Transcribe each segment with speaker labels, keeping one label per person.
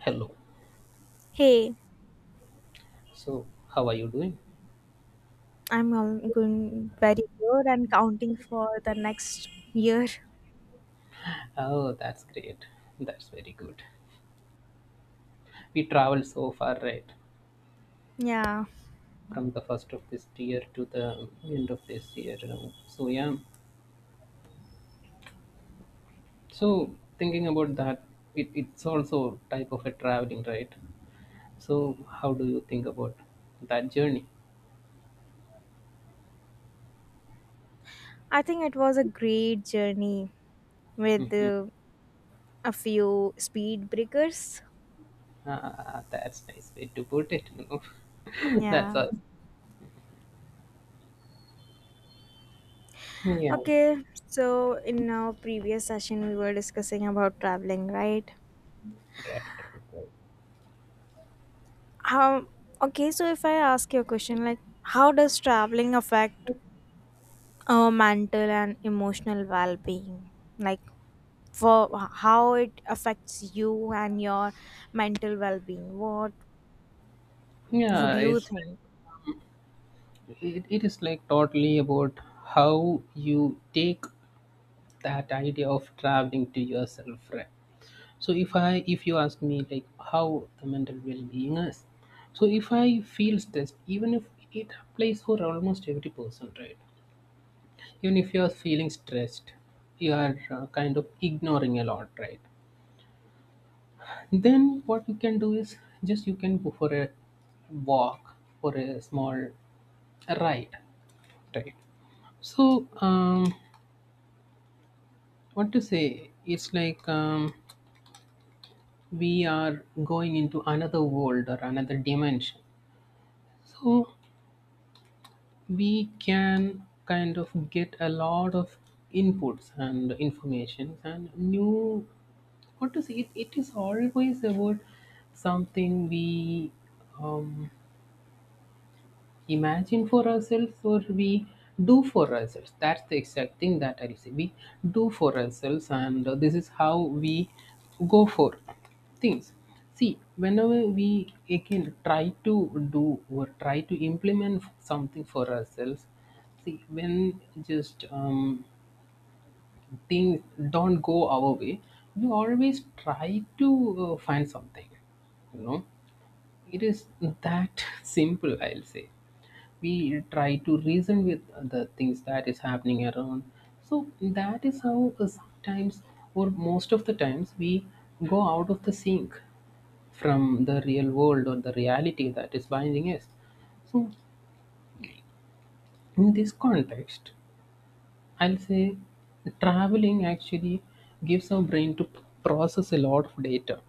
Speaker 1: Hello.
Speaker 2: Hey,
Speaker 1: So, how are you doing?
Speaker 2: I'm all going very good and counting for the next year.
Speaker 1: Oh, that's great. That's very good. We traveled so far, right?
Speaker 2: Yeah,
Speaker 1: From the first of this year to the end of this year. So, yeah. So, thinking about that, it's also type of a traveling, right? So, how do you think about that journey?
Speaker 2: I think it was a great journey with a few speed breakers.
Speaker 1: Ah, that's nice way to put it. that's
Speaker 2: Yeah.
Speaker 1: all. Yeah.
Speaker 2: Okay, so in our previous session, we were discussing about traveling, right?
Speaker 1: Right, right, right.
Speaker 2: How, okay, so if I ask you a question like, how does traveling affect our mental and emotional well being? Like, for how it affects you and your mental well-being. What would
Speaker 1: Yeah,
Speaker 2: you
Speaker 1: it's
Speaker 2: think?
Speaker 1: it, it is like totally about how you take that idea of traveling to yourself, right? So if you ask me, like, how the mental well-being is, so if I feel stressed, even if it applies for almost every person, right? Even if you are feeling stressed, you are kind of ignoring a lot, right? Then what you can do is, just you can go for a walk, for a small ride, right? So, what to say, it's like, we are going into another world or another dimension. So we can kind of get a lot of inputs and information and new, what to say, it is always about something we um, imagine for ourselves, or we do for ourselves. That's the exact thing that I say we do for ourselves. And this is how we go for things. See, whenever we again try to do or try to implement something for ourselves, see, when just, things don't go our way, we always try to find something you know it is that simple, I'll say. We try to reason with the things that is happening around. So that is how, sometimes or most of the times, we go out of the sync from the real world or the reality that is binding us. So, in this context, I'll say, traveling actually gives our brain to process a lot of data,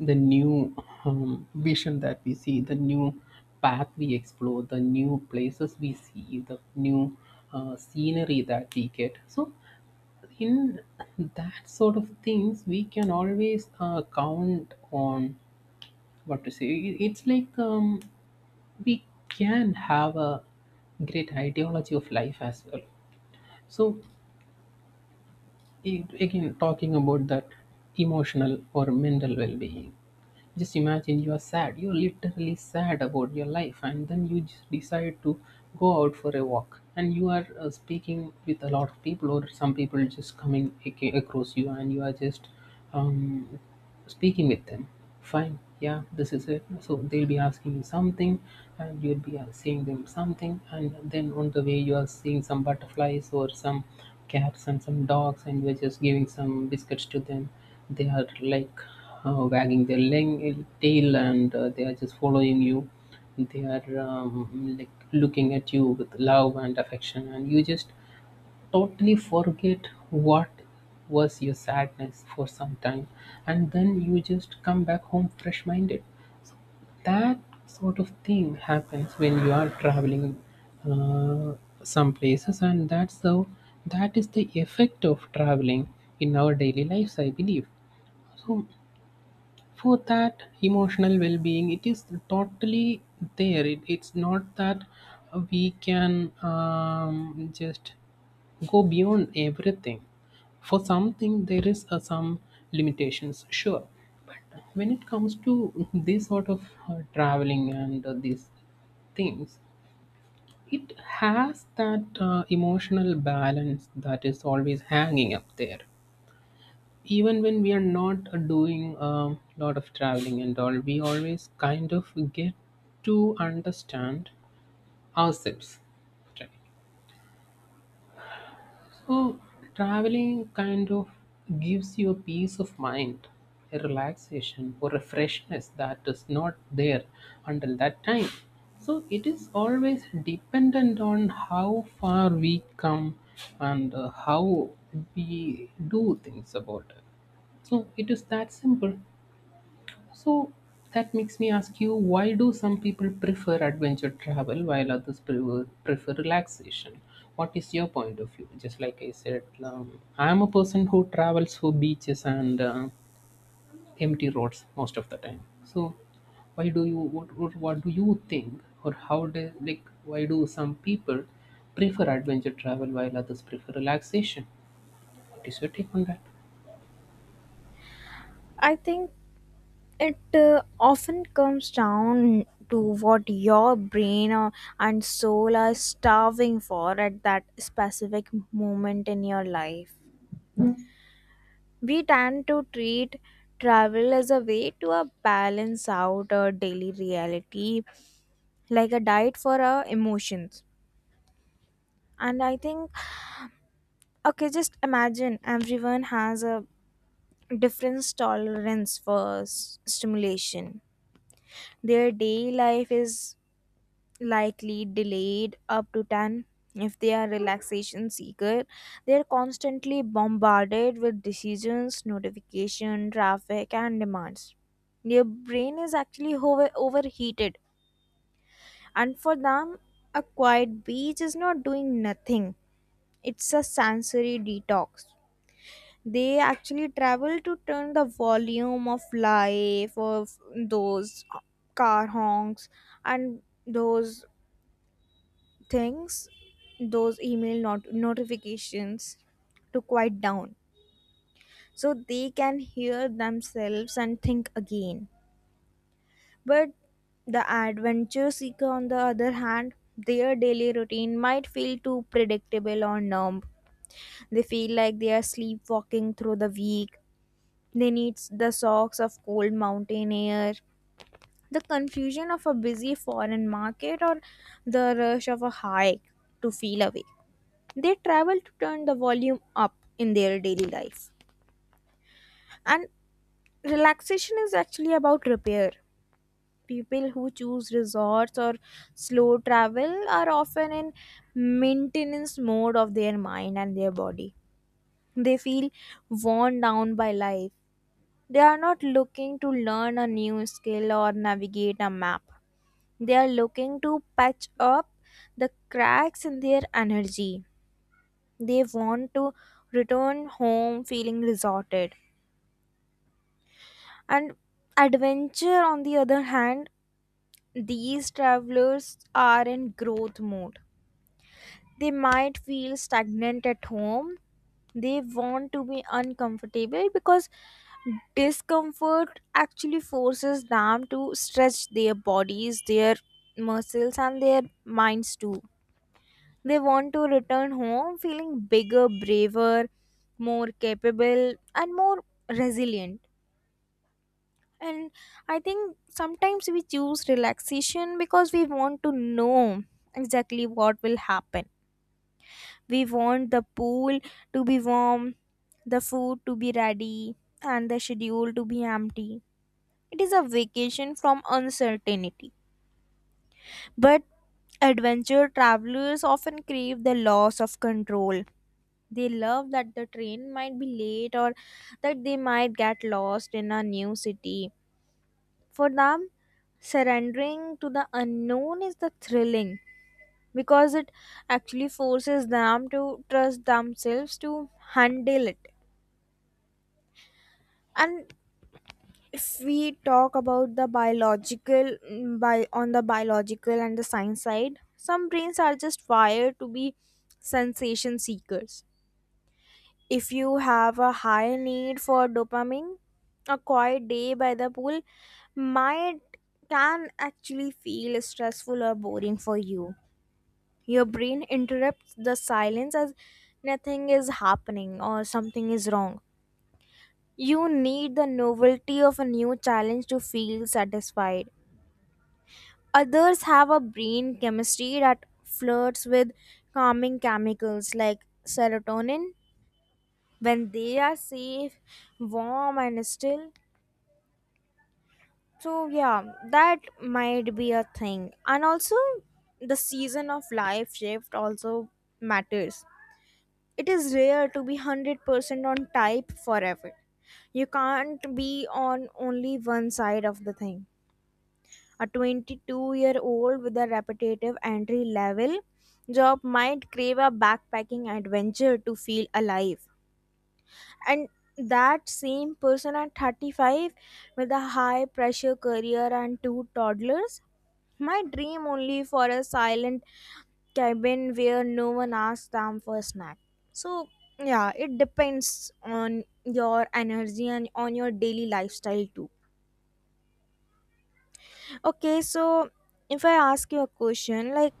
Speaker 1: the new, vision that we see, the new path we explore, the new places we see, the new, scenery that we get. So, in that sort of things, we can always count on, what to say, it's like, we can have a great ideology of life as well. So, again, talking about that emotional or mental well being. Just imagine you are sad. You're literally sad about your life, and then you just decide to go out for a walk. And you are speaking with a lot of people, or some people just coming across you, and you are just, um, speaking with them. Fine, yeah, this is it. So they'll be asking you something, and you'll be saying them something, and then on the way you are seeing some butterflies or some cats and some dogs, and you're just giving some biscuits to them. They are like, wagging their tail, and they are just following you. They are, like, looking at you with love and affection, and you just totally forget what was your sadness for some time, and then you just come back home fresh minded. That sort of thing happens when you are traveling uh, some places, and that's how, that is the effect of traveling in our daily lives, I believe. So, for that emotional well-being, it is totally there. It's not that we can, just go beyond everything. For something there is some limitations, sure, when it comes to this sort of traveling and these things. It has that, emotional balance that is always hanging up there. Even when we are not doing a lot of traveling and all, we always kind of get to understand ourselves. Right? So, traveling kind of gives you a peace of mind, a relaxation, or a freshness that is not there until that time. So, it is always dependent on how far we come and how we do things about it. So, it is that simple. So that makes me ask you, why do some people prefer adventure travel while others prefer relaxation? What is your point of view? Just like I said, I am a person who travels for beaches and empty roads most of the time. So, why do you what do you think, or how do, like, why do some people prefer adventure travel while others prefer relaxation? What is your take on that?
Speaker 2: I think it often comes down to what your brain or, and soul are starving for at that specific moment in your life. We tend to treat travel as a way to balance out our daily reality, like a diet for our emotions. And I think, okay, just imagine everyone has a difference tolerance for stimulation. Their day life is likely delayed up to 10 if they are relaxation seeker. They are constantly bombarded with decisions, notification, traffic, and demands. Their brain is actually overheated, and for them a quiet beach is not doing nothing. It's a sensory detox. They actually travel to turn the volume of life of those car honks and those things, those email notifications, to quiet down so they can hear themselves and think again. But the adventure seeker, on the other hand, their daily routine might feel too predictable or numb. They feel like they are sleepwalking through the week. They need the shocks of cold mountain air, the confusion of a busy foreign market, or the rush of a hike to feel awake. They travel to turn the volume up in their daily life. And relaxation is actually about repair. People who choose resorts or slow travel are often in maintenance mode of their mind and their body. They feel worn down by life. They are not looking to learn a new skill or navigate a map. They are looking to patch up the cracks in their energy. They want to return home feeling resorted. And adventure, on the other hand, these travelers are in growth mode. They might feel stagnant at home. They want to be uncomfortable because discomfort actually forces them to stretch their bodies, their muscles, and their minds too. They want to return home feeling bigger, braver, more capable, and more resilient. And I think sometimes we choose relaxation because we want to know exactly what will happen. We want the pool to be warm, the food to be ready, and the schedule to be empty. It is a vacation from uncertainty. But adventure travelers often crave the loss of control. They love that the train might be late or that they might get lost in a new city. For them, surrendering to the unknown is the thrilling because it actually forces them to trust themselves to handle it. And if we talk about the biological mm, by on the biological and the science side, some brains are just wired to be sensation seekers. If you have a high need for dopamine, a quiet day by the pool might can actually feel stressful or boring for you. Your brain interrupts the silence as nothing is happening or something is wrong. You need the novelty of a new challenge to feel satisfied. Others have a brain chemistry that flirts with calming chemicals like serotonin when they are safe, warm, and still. So, yeah, that might be a thing. And also, the season of life shift also matters. It is rare to be 100% on type forever. You can't be on only one side of the thing. A 22-year-old with a repetitive entry level job might crave a backpacking adventure to feel alive, and that same person at 35 with a high pressure career and two toddlers might dream only for a silent cabin where no one asks them for a snack. So, yeah, it depends on your energy and on your daily lifestyle too. Okay, so if I ask you a question like,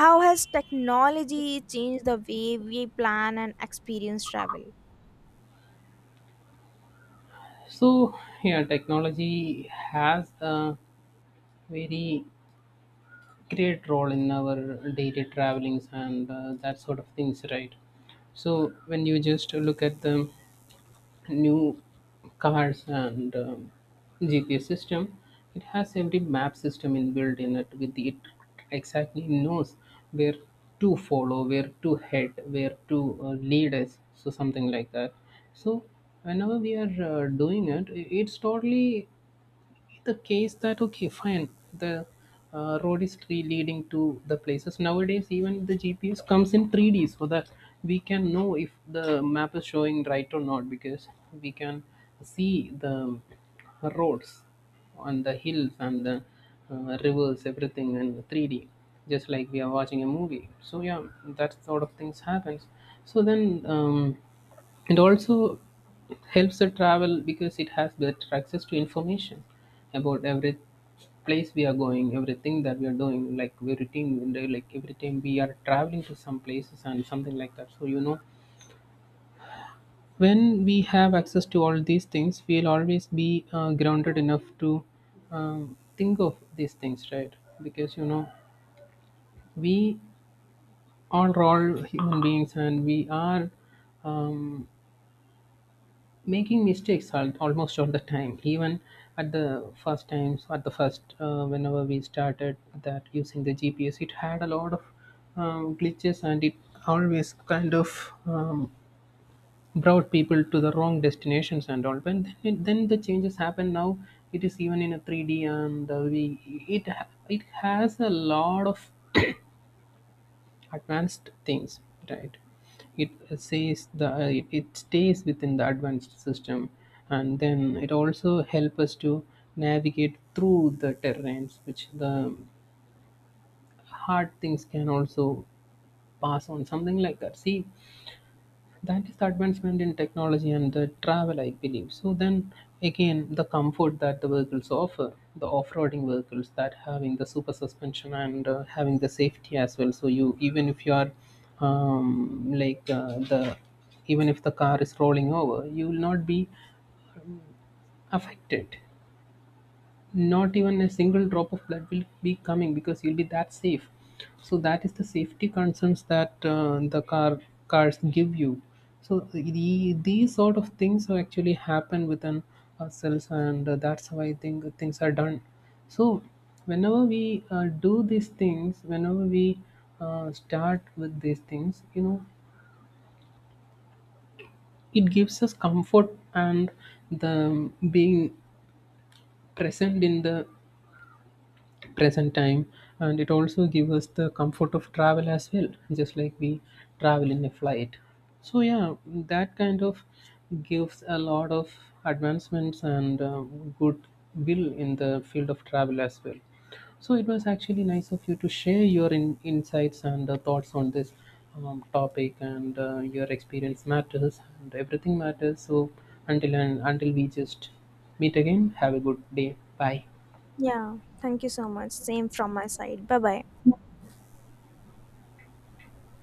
Speaker 2: how has technology changed the way we plan and experience travel?
Speaker 1: So, yeah, technology has a very great role in our daily travelings, and that sort of things, right? So when you just look at the new cars and, GPS system, it has every map system inbuilt in it, it exactly knows where to follow, where to head, where to lead us, so something like that. So whenever we are doing it, it's totally be the case that, okay, fine, the road is leading to the places. Nowadays even the GPS comes in 3D, so that we can know if the map is showing right or not, because we can see the roads on the hills and the, rivers, everything in 3D, just like we are watching a movie. So, yeah, that sort of things happens. So then, it also helps the travel because it has better access to information about every place we are going, everything that we are doing, like we routine, like every time we are traveling to some places and something like that. So, when we have access to all these things, we'll always be grounded enough to, think of these things, right? Because we are all human beings, and we are, um, making mistakes almost all the time, even at the first times, at the first, whenever we started that using the GPS, it had a lot of, glitches, and it always kind of, brought people to the wrong destinations and all. But then the changes happen. Now it is even in a 3D, and we, it has a lot of advanced things, right? it says the it stays within the advanced system, and then it also help us to navigate through the terrains, which the hard things can also pass on, something like that, see, that is the advancement in technology and the travel, I believe. So then, again, the comfort that the vehicles offer, the off-roading vehicles that having the super suspension, and having the safety as well, so you, even if you are, like, the, even if the car is rolling over, you will not be affected, not even a single drop of blood will be coming, because you'll be that safe. So that is the safety concerns that the cars give you. So these sort of things are actually happen within ourselves. And that's how I think things are done. So whenever we do these things, whenever we start with these things, it gives us comfort, and the being present in the present time, and it also gives us the comfort of travel as well, just like we travel in a flight. So, yeah, that kind of gives a lot of advancements and good will in the field of travel as well. So it was actually nice of you to share your insights and thoughts on this, topic, and your experience matters, and everything matters. So, until and until we just meet again, have a good day. Bye.
Speaker 2: Yeah, thank you so much. Same from my side. Bye bye.